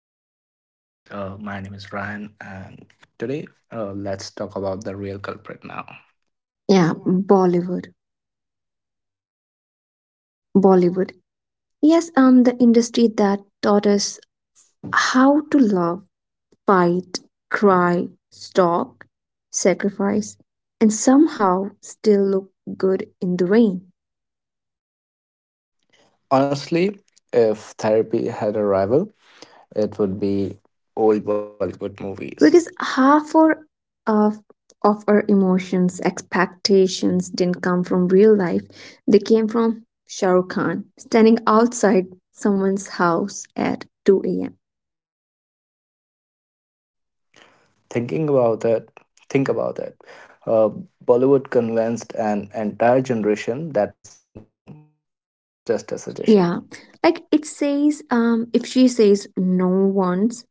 Hello, my name is Ryan, and today, let's talk about the real culprit now. Yeah, Bollywood. Bollywood. Yes, the industry that taught us how to love, fight, cry, stalk, sacrifice, and somehow still look good in the rain. Honestly, if therapy had a rival, it would be old Bollywood movies. Because half or of of our emotions, expectations didn't come from real life. They came from Shah Rukh Khan standing outside someone's house at 2 a.m. Thinking about it, think about it. Uh, Bollywood convinced an entire generation that has no, it is just a Yeah, suggestion. like it says, if she says no once,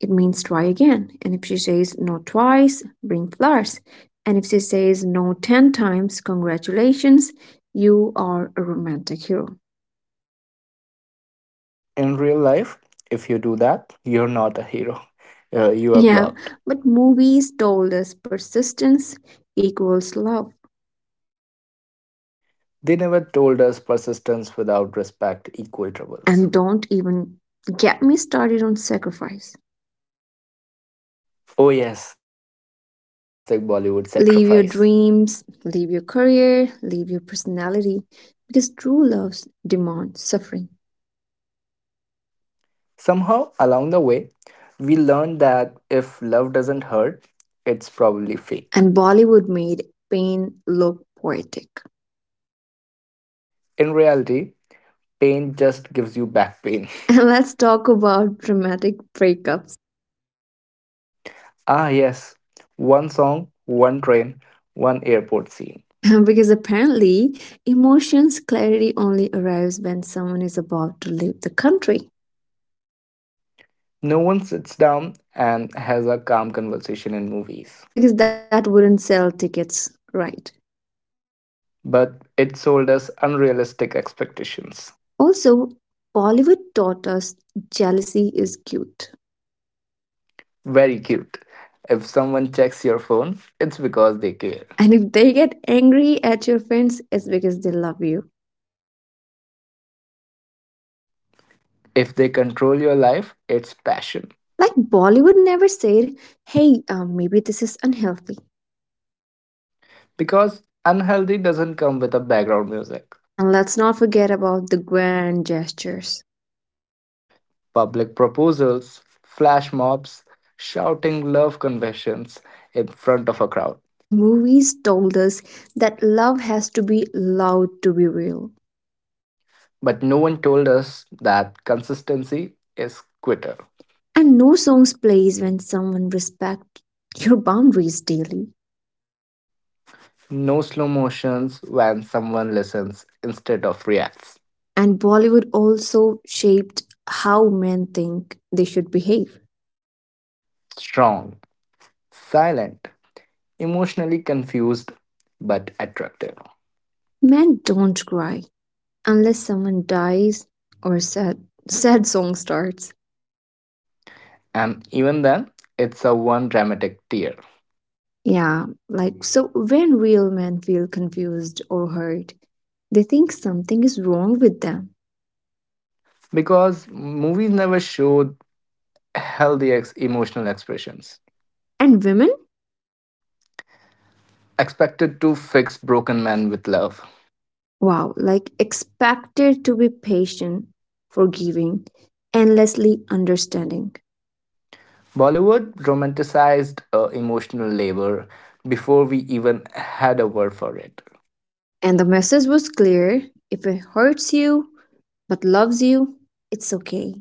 it means try again. And if she says no twice, bring flowers. And if she says no 10 times, congratulations, you are a romantic hero. In real life, if you do that, you're not a hero. You are Yeah, blocked. but movies told us persistence equals love. They never told us persistence without respect equal troubles. And don't even get me started on sacrifice. Oh, yes, the classic Bollywood Leave sacrifice. your dreams, leave your career, leave your personality, because true love demands suffering. Somehow, along the way, we learned that if love doesn't hurt, it's probably fake. And Bollywood made pain look poetic. In reality, pain just gives you back pain. And let's talk about dramatic breakups. Ah, yes, one song, one train, one airport scene. Because apparently, emotions clarity only arrives when someone is about to leave the country. No one sits down and has a calm conversation in movies. Because that wouldn't sell tickets, right? But it sold us unrealistic expectations. Also, Bollywood taught us jealousy is cute. Very cute. If someone checks your phone, it's because they care. And if they get angry at your friends, it's because they love you. If they control your life, it's passion. Like Bollywood never said, hey, maybe this is unhealthy. Because unhealthy doesn't come with a background music. And let's not forget about the grand gestures. Public proposals, flash mobs, shouting love confessions in front of a crowd. And movies told us that love has to be loud to be real. But no one told us that consistency is quitter. And no songs plays when someone respects your boundaries daily. No slow motions when someone listens instead of reacts. And Bollywood also shaped how men think they should behave. Strong, silent, emotionally confused, but attractive. Men don't cry unless someone dies or sad song starts. And even then, it's a one dramatic tear. Yeah, like so when real men feel confused or hurt, they think something is wrong with them. Because movies never showed healthy emotional expressions. And women, Expected to fix broken men with love. wow, like expected to be patient, forgiving, endlessly understanding. Bollywood romanticized emotional labor before we even had a word for it. And the message was clear if it hurts you but loves you, it's okay.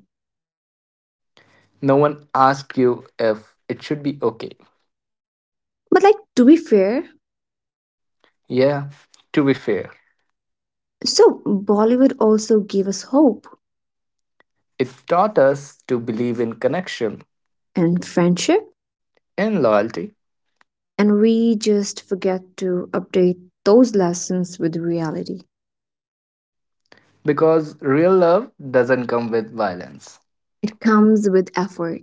No one asked you if it should be okay. But, like, to be fair, Yeah, to be fair, so Bollywood also gave us hope it taught us to believe in connection, and friendship, in loyalty, and we just forget to update those lessons with reality. because real love doesn't come with violence, It comes with effort,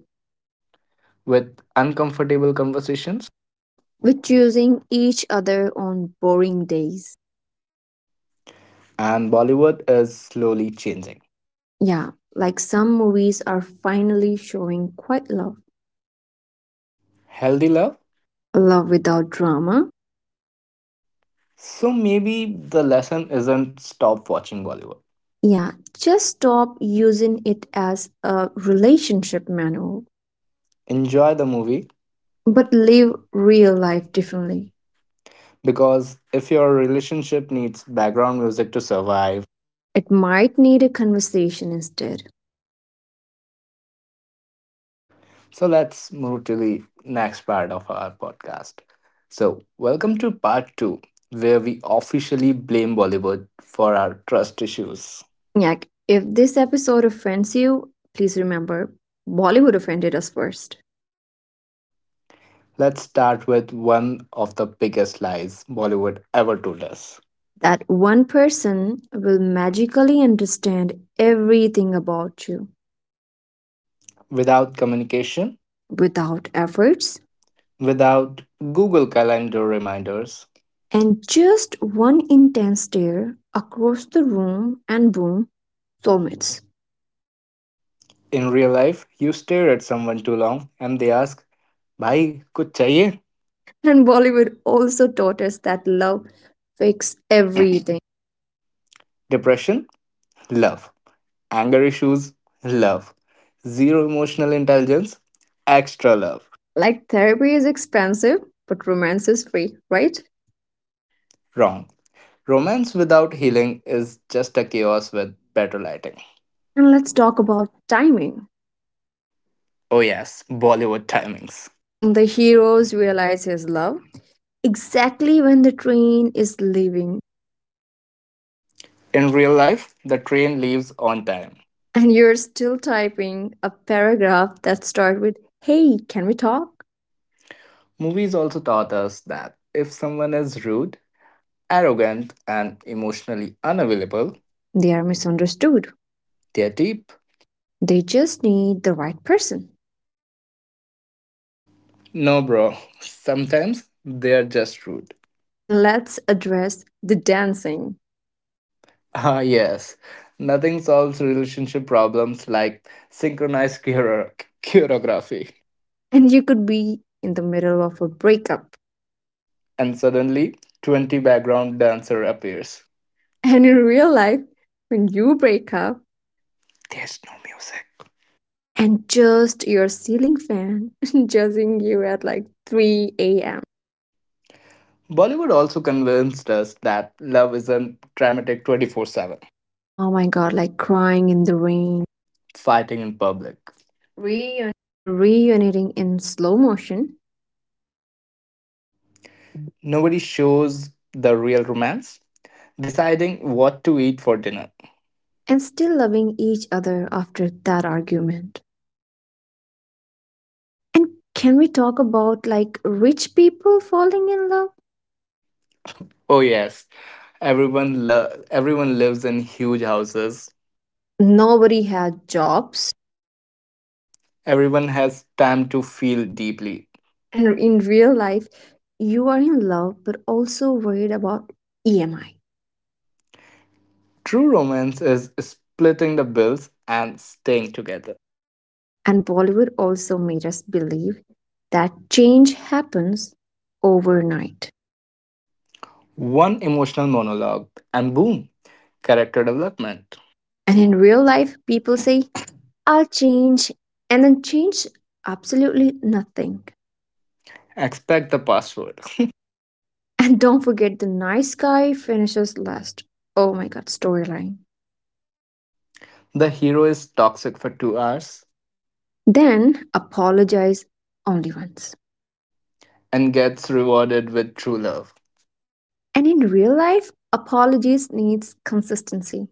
with uncomfortable conversations, with choosing each other on boring days. and Bollywood is slowly changing. Yeah, like some movies are finally showing quite love, Healthy love? love without drama. So maybe the lesson isn't stop watching Bollywood. Yeah, just stop using it as a relationship manual, Enjoy the movie, but but live live real real life life differently. differently. Because if your relationship needs background music to survive. It might need a conversation instead. So let's move to the next part of our podcast. So, welcome to part two, where we officially blame Bollywood for our trust issues. Like, if this episode offends you, please remember Bollywood offended us first. Let's start with one of the biggest lies Bollywood ever told us, That one person will magically understand everything about you without communication, without efforts. without Google Calendar reminders. And just one intense stare across the room, and boom, soulmates. In real life, you stare at someone too long and they ask, Bhai, kuch chahiye? And Bollywood also taught us that love fixes everything. Depression? Love. Anger issues? Love. Zero emotional intelligence? Extra love. Like therapy is expensive, but romance is free, right? Wrong. Romance without healing is just a chaos with better lighting. And let's talk about timing. Oh, yes, Bollywood timings. The heroes realize his love exactly when the train is leaving, In real life, the train leaves on time. and you're still typing a paragraph that starts with, hey, can we talk? Movies also taught us that if someone is rude, arrogant, and emotionally unavailable, They are misunderstood. they're deep. They just need the right person. No, bro, sometimes they're just rude. And let's address the dancing. Ah, yes, nothing solves relationship problems like synchronized choreography. And you could be in the middle of a breakup. And suddenly, 20 background dancer appears. And in real life, when you break up, There's no music. and just your ceiling fan judging you at like 3 a.m. Bollywood also convinced us that love isn't dramatic 24/7, Oh my god, like crying in the rain, fighting in public. reuniting in slow motion, Nobody shows the real romance deciding what to eat for dinner. and still loving each other after that argument. And can we talk about like rich people falling in love? Oh yes, everyone lives in huge houses. Nobody had jobs. Everyone has time to feel deeply. And And in in real life, you are in love but also worried about EMI. true romance is splitting the bills and staying together. And Bollywood also made us believe that change happens overnight. One emotional monologue and boom, character development. And in real life, people say, I'll change, and then change absolutely nothing. Expect the password. And don't forget the nice guy finishes last. Oh my god, storyline. The hero is toxic for 2 hours Then apologize only once. and gets rewarded with true love, And in real life, apologies needs consistency.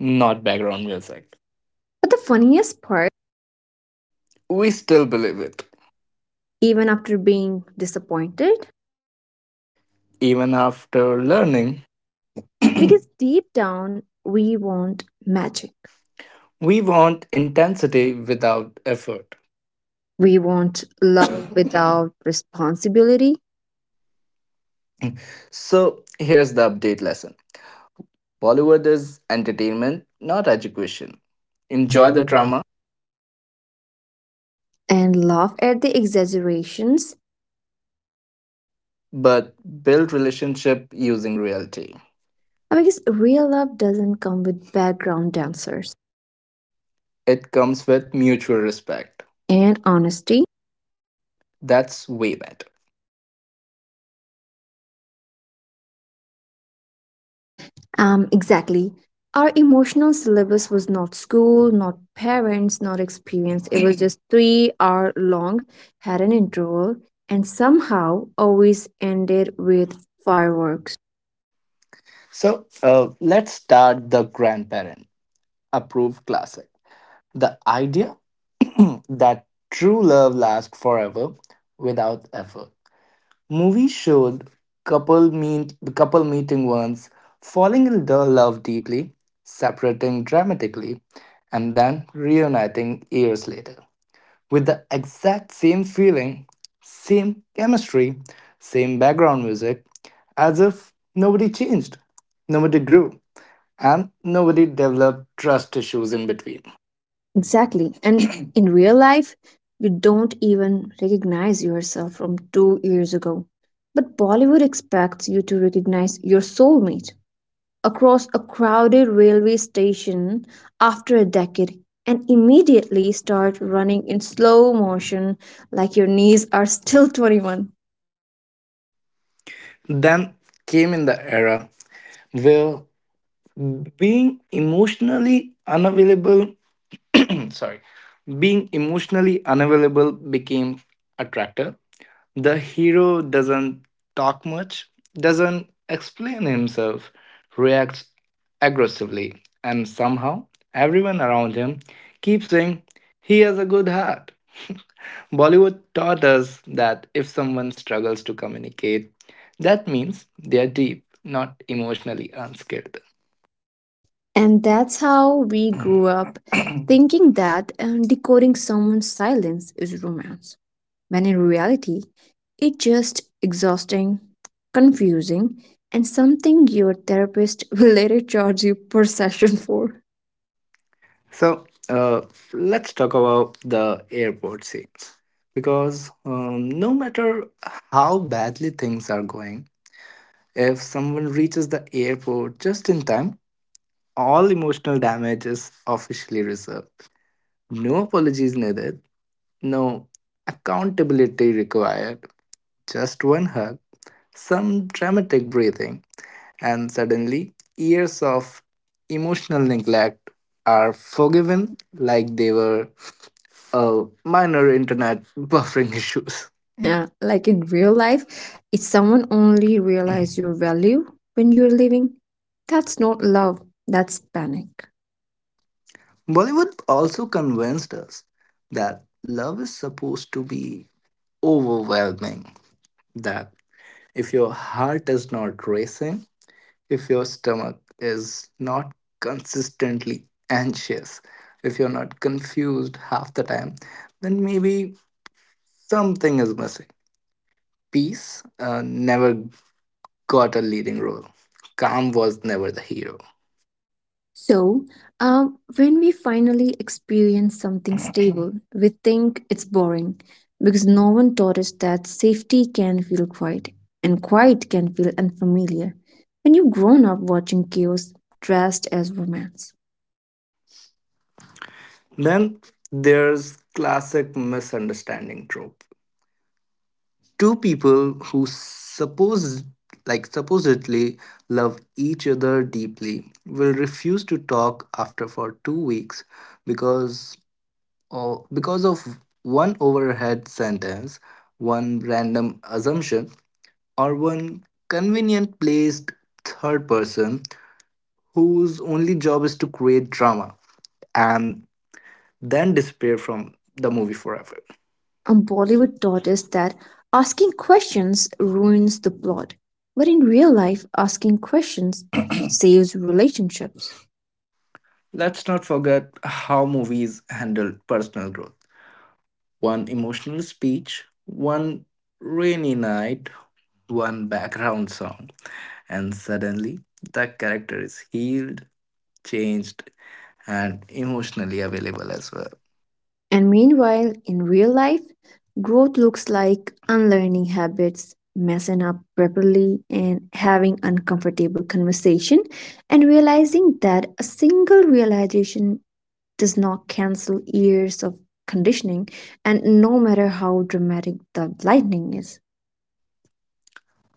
not background music. But the funniest part We still believe it. even after being disappointed. Even after learning, Because deep down, we want magic. we want intensity without effort. We want love without responsibility. So here's the update lesson, Bollywood is entertainment, not education. Enjoy Enjoy the the trauma. drama, And laugh at the exaggerations. but build relationship using reality. Because real love doesn't come with background dancers It comes with mutual respect. and honesty. That's way better. Exactly. Our emotional syllabus was not school, not parents, not experience. It was just 3 hour long, had an interval, and somehow always ended with fireworks. So let's start the grandparent approved classic. The idea that true love lasts forever without effort. Movie showed couple meeting once, falling in the love deeply, separating dramatically, and then reuniting years later with the exact same feeling, same chemistry, same background music, as if nobody changed, nobody grew, and nobody developed trust issues in between. Exactly. And in real life, you don't even recognize yourself from 2 years ago. But Bollywood expects you to recognize your soulmate across a crowded railway station after a decade and immediately start running in slow motion like your knees are still 21. Then came in the era where being emotionally unavailable sorry being emotionally unavailable became attractive. The hero doesn't talk much, doesn't explain himself, reacts aggressively, and somehow everyone around him keeps saying he has a good heart. Bollywood taught us that if someone struggles to communicate, that means they are deep, not emotionally unskilled. And that's how we grew up, thinking that decoding someone's silence is romance, when in reality, it's just exhausting, confusing, and something your therapist will later charge you per session for. So let's talk about the airport scenes because no matter how badly things are going, if someone reaches the airport just in time, all emotional damage is officially reserved. No apologies needed, no accountability required, just one hug, some dramatic breathing, and suddenly years of emotional neglect are forgiven like they were minor internet buffering issues. Yeah, like in real life, if someone only realize your value when you're leaving, that's not love, that's panic. Bollywood also convinced us that love is supposed to be overwhelming, that if your heart is not racing, if your stomach is not consistently anxious, if you're not confused half the time, then maybe something is missing. Peace never got a leading role. Calm was never the hero. So, when we finally experience something stable, we think it's boring because no one taught us that safety can feel quiet and quiet can feel unfamiliar when you've grown up watching chaos dressed as romance. Then there's classic misunderstanding trope. Two people who supposedly love each other deeply will refuse to talk after for 2 weeks because because of one overhead sentence, one random assumption, or one convenient placed third person whose only job is to create drama and then disappear from the movie forever. And Bollywood taught us that asking questions ruins the plot. But in real life, asking questions saves relationships. Let's not forget how movies handled personal growth. One emotional speech, one rainy night, one background song, and suddenly the character is healed, changed, and emotionally available As as well. well. And meanwhile, in real life, growth looks like unlearning habits, messing up properly, and having uncomfortable conversation, and realizing that a single realization does not cancel years of conditioning, and no matter how dramatic the lightning is.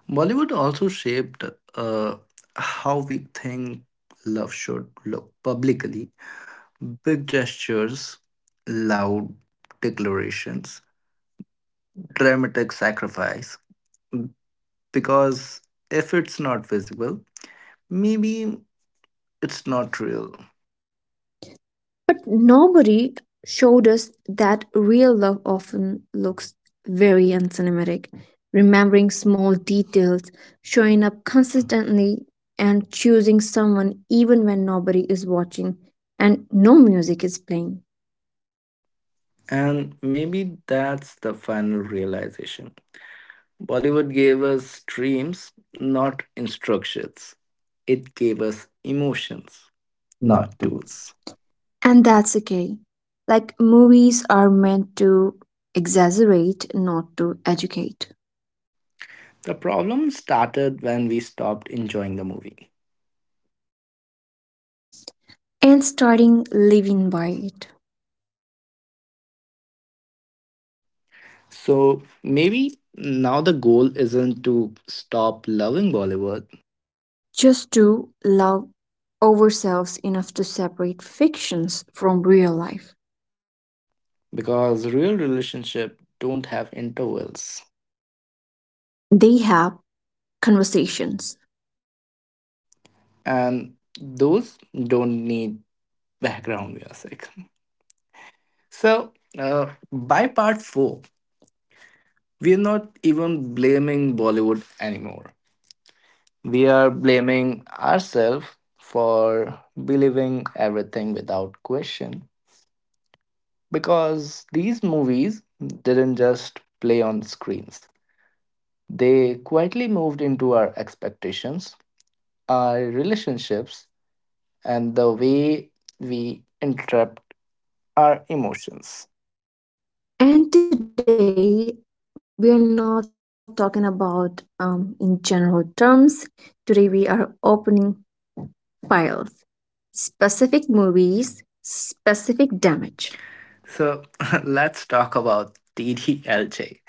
Bollywood also shaped uh, how we think love should look publicly. Big gestures, loud declarations, dramatic sacrifice. Because if it's not visible, maybe it's not real. But nobody showed us that real love often looks very uncinematic, remembering small details, showing up consistently, and choosing someone even when nobody is watching and no music is playing. And maybe that's the final realization. Bollywood gave us dreams, not instructions. It gave us emotions, Not not tools. tools. And that's okay. Like, movies are meant to exaggerate, not to educate. The problem started when we stopped enjoying the movie. And starting living by it. So maybe now the goal isn't to stop loving Bollywood, Just to love ourselves enough to separate fictions from real life. because real relationship don't have intervals They have conversations. and those don't need background music. So by part 4 we are not even blaming Bollywood anymore. We are blaming ourselves for believing everything without question, because these movies didn't just play on screens. They quietly moved into our expectations, our relationships, and the way we interpret our emotions. And today, we are not talking about in general terms. Today, we are opening files, specific movies, specific damage. So let's talk about TDLJ,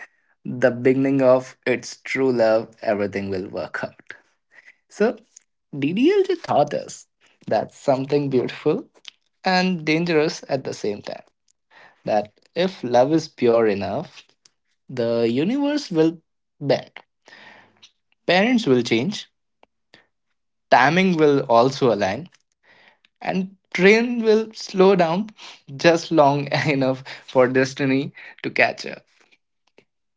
the beginning of its true love, everything will work out. So DDLJ taught us that something beautiful and dangerous at the same time. That if love is pure enough, the universe will bend. Parents will change, timing will also align, and train will slow down just long enough for destiny to catch up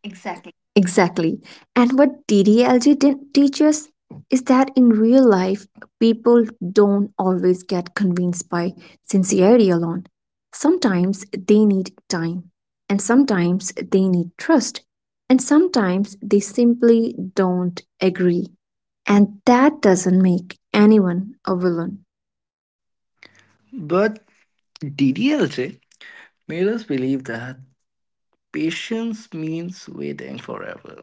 exactly. Exactly. And what DDLG didn't teach us is that in real life, people don't always get convinced by sincerity alone. Sometimes they need time, and sometimes they need trust, and sometimes they simply don't agree. And that doesn't make anyone a villain. But DDLJ made us believe that patience means waiting forever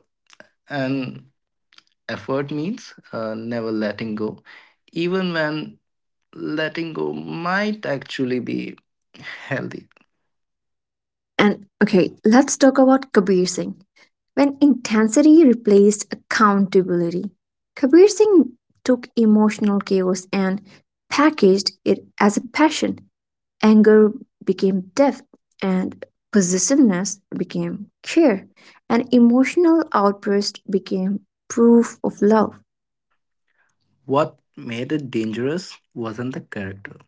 and effort means never letting go, even when letting go might actually be healthy. And okay, let's talk about Kabir Singh. When intensity replaced accountability, Kabir Singh took emotional chaos and packaged it as a passion. Anger became depth, and possessiveness became care, and emotional outburst became proof of love. What made it dangerous wasn't the character,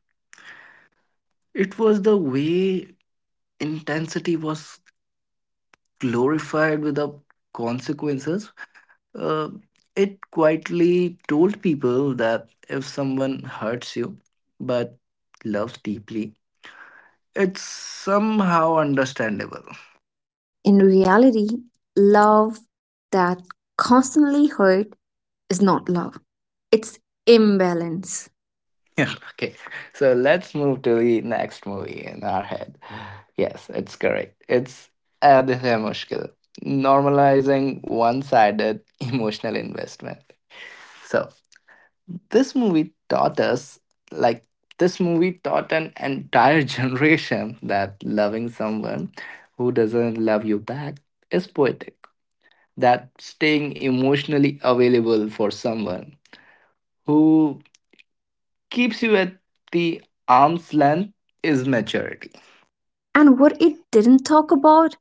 it was the way intensity was glorified without consequences. uh, it quietly told people that if someone hurts you but loves deeply, it's somehow understandable. In reality, love that constantly hurt is not love, it's imbalance. Yeah, okay. So let's move to the next movie in our head. Yes, it's correct. It's Aadh Hai Mushkil, normalizing one sided emotional investment. So This movie taught us, like, this movie taught an entire generation that loving someone who doesn't love you back is poetic. That staying emotionally available for someone who keeps you at the arm's length is maturity. And what it didn't talk about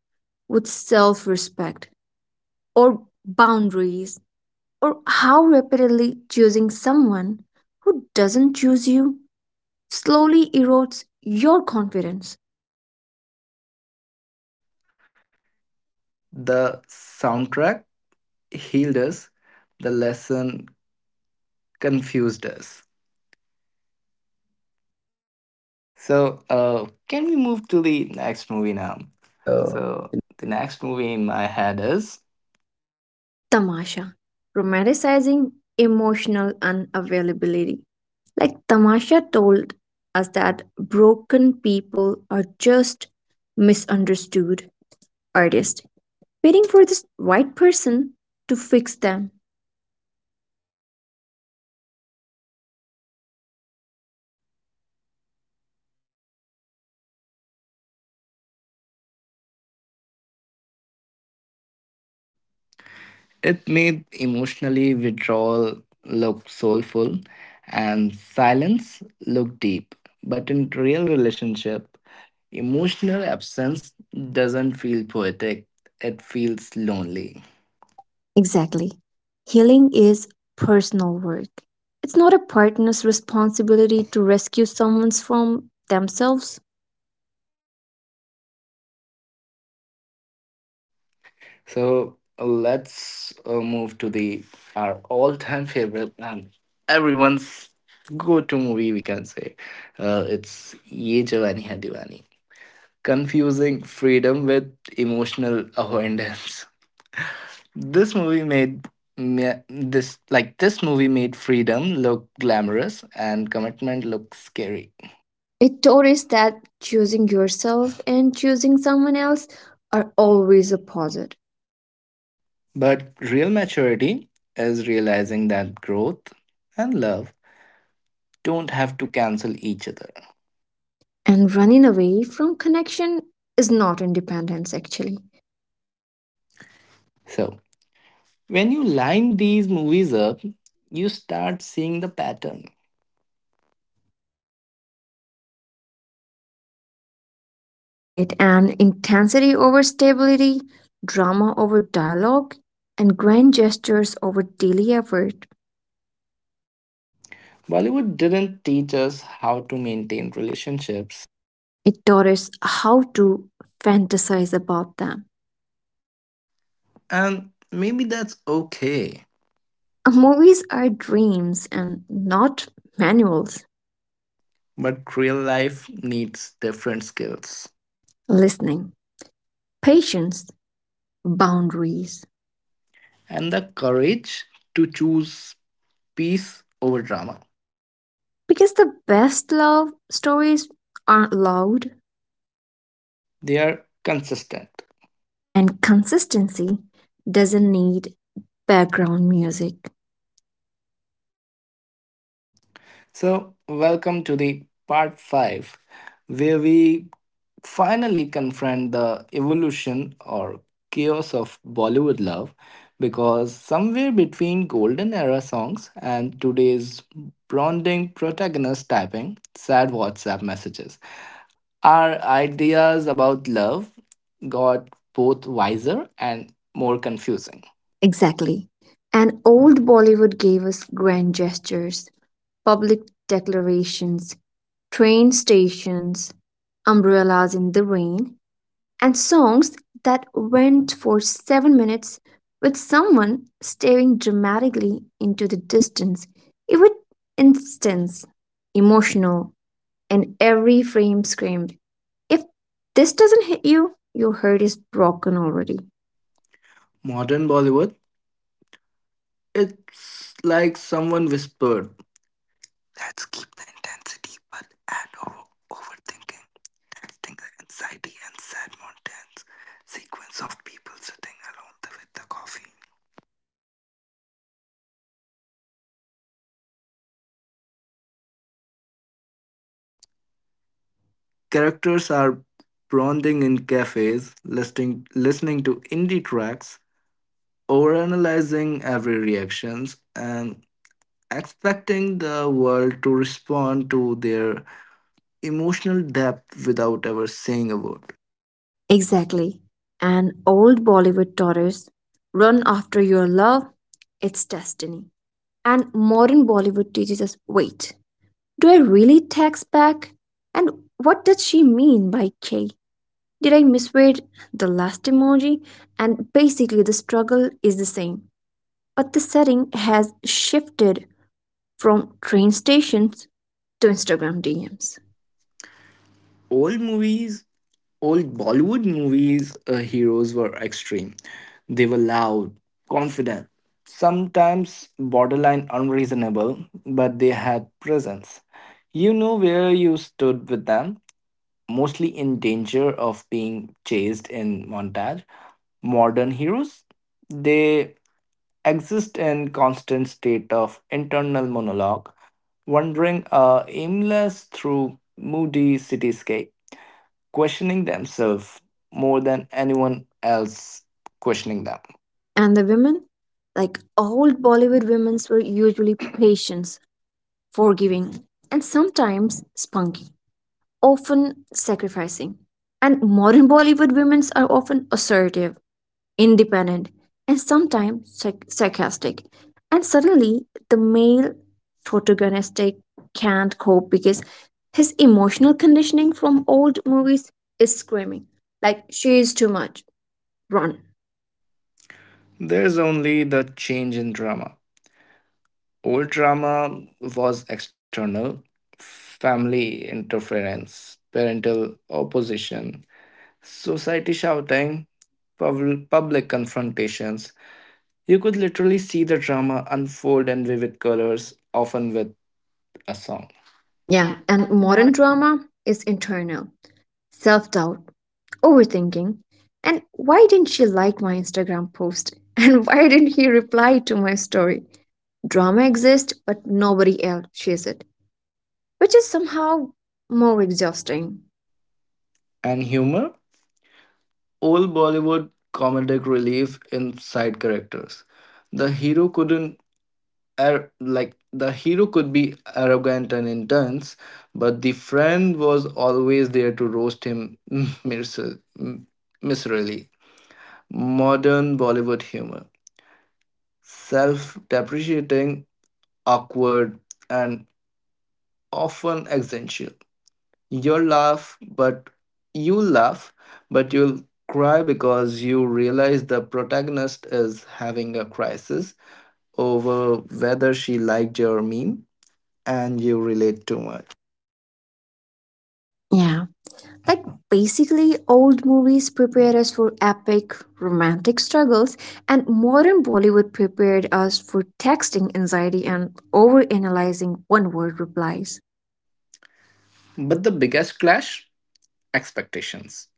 was self respect or boundaries or how repeatedly choosing someone who doesn't choose you slowly erodes your confidence. The soundtrack healed us, the lesson confused us. So, can we move to the next movie now? So, So, the next movie in my head is, Tamasha, romanticizing emotional unavailability. Like Tamasha told us that broken people are just misunderstood artists, waiting for this right person to fix them. it made emotionally withdrawal look soulful and silence look deep. But in real relationship, emotional absence doesn't feel poetic, it feels lonely. Exactly. Healing is personal work. It's not a partner's responsibility to rescue someone from themselves. So let's move to the our all-time favorite and everyone's go-to movie. We can say it's Ye Jawani Hai Diwani. Confusing freedom with emotional avoidance. This movie made this this movie made freedom look glamorous and commitment look scary. It taught us that choosing yourself and choosing someone else are always opposite. But real maturity is realizing that growth and love don't have to cancel each other. And running away from connection is not independence, actually. So when you line these movies up, you start seeing the pattern. All right, and intensity over stability, drama over dialogue, and grand gestures over daily effort. Bollywood didn't teach us how to maintain relationships, It taught us how to fantasize about them. and maybe that's okay. Movies are dreams and not manuals. But real life needs different skills Listening, patience, boundaries. and the courage to choose peace over drama. Because the best love stories aren't loud, They are consistent. and consistency doesn't need background music. So, welcome to the part 5, where we finally confront the evolution or chaos of Bollywood love, because somewhere between golden era songs and today's bonding protagonist typing sad WhatsApp messages, our ideas about love got both wiser and more confusing. Exactly. And old Bollywood gave us grand gestures, public declarations, train stations, umbrellas in the rain, and songs that went for 7 minutes with someone staring dramatically into the distance. It would instance emotional and every frame screamed if this doesn't hit you, your heart is broken already. Modern Bollywood, it's like someone whispered, let's keep the intensity but add overthinking, acting the anxiety and sad mountains. Sequence of people sitting alone with the coffee. Characters are bonding in cafes, listening to indie tracks, overanalyzing every reactions, and expecting the world to respond to their emotional depth without ever saying a word. Exactly. And old Bollywood daughters run after your love, it's destiny. And modern Bollywood teaches us wait, do I really text back? And what did she mean by K? Did I misread the last emoji? And basically, the struggle is the same, but the setting has shifted from train stations to Instagram DMs. old movies, Old Bollywood movies, heroes were extreme. They were loud, confident, sometimes borderline unreasonable, but they had presence. You know where you stood with them, mostly in danger of being chased in montage. Modern heroes, they exist in constant state of internal monologue, wandering aimless through moody cityscape, questioning themselves more than anyone else questioning them. And the women, like old Bollywood women, were usually patient, forgiving, and sometimes spunky, often sacrificing. And modern Bollywood women are often assertive, independent, and sometimes sarcastic. And suddenly, the male protagonist can't cope because his emotional conditioning from old movies is screaming, like, she is too much, run. There's only the change in drama. Old drama was external family interference, parental opposition, society shouting, public confrontations. You could literally see the drama unfold in vivid colors, often with a song. Yeah, Yeah, and modern drama is internal self doubt, overthinking, and why didn't she like my Instagram post? And why didn't he reply to my story? Drama exists, but nobody else shares it, which is somehow more exhausting. and humor? Old Bollywood comedic relief in side characters. The hero couldn't ar- like the hero could be arrogant and intense, but the friend was always there to roast him miser- m- miserably. Modern Bollywood humor, self-depreciating, awkward, and often existential. You'll laugh, but you'll laugh, but you'll cry because you realize the protagonist is having a crisis over whether she liked your meme and you relate too much. Yeah. Like basically, old movies prepared us for epic romantic struggles, and modern Bollywood prepared us for texting anxiety and overanalyzing one word replies. But the biggest clash expectations.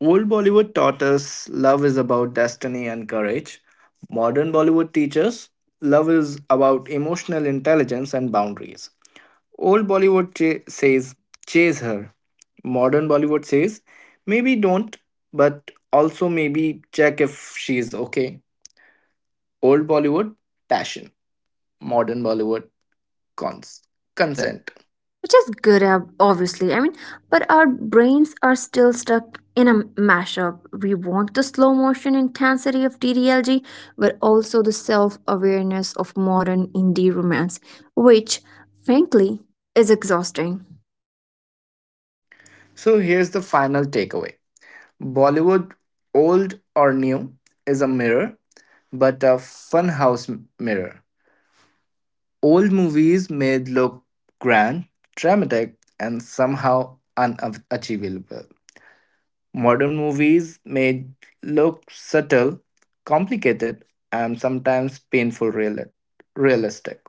Old Bollywood taught us love is about destiny and courage. Modern Bollywood teaches love is about emotional intelligence and boundaries. Old Bollywood says, chase her. Modern Bollywood says, maybe don't, but also maybe check if she's okay. Old Bollywood, passion. Modern Bollywood, cons- Consent. consent. Which is good obviously, I mean, but our brains are still stuck in a mashup. We want the slow motion intensity of DDLG but also the self-awareness of modern indie romance, which, frankly, is exhausting. So here's the final takeaway, Bollywood, old or new, is a mirror, but a funhouse mirror. Old movies made look grand, dramatic, and somehow unachievable. Modern movies may look subtle, complicated, and sometimes painful realistic.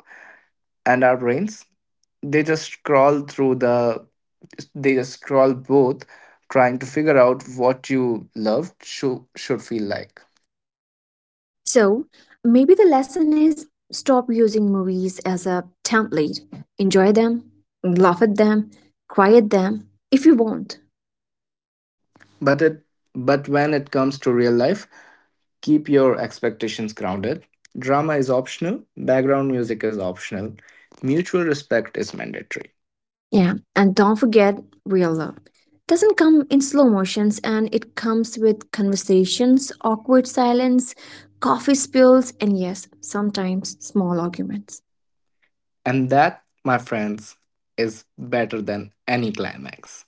And our brains, they just scroll through the they just scroll both, trying to figure out what you love should feel like. So maybe the lesson is stop using movies as a template. Enjoy them, laugh at them, cry at them if you want. But it but when it comes to real life, keep your expectations grounded. Drama is optional, background music is optional, mutual respect is mandatory. Yeah, and don't forget real love. Doesn't come in slow motions and it comes with conversations, awkward silence, coffee spills, and yes, sometimes small arguments. And that, my friends, is better than any climax.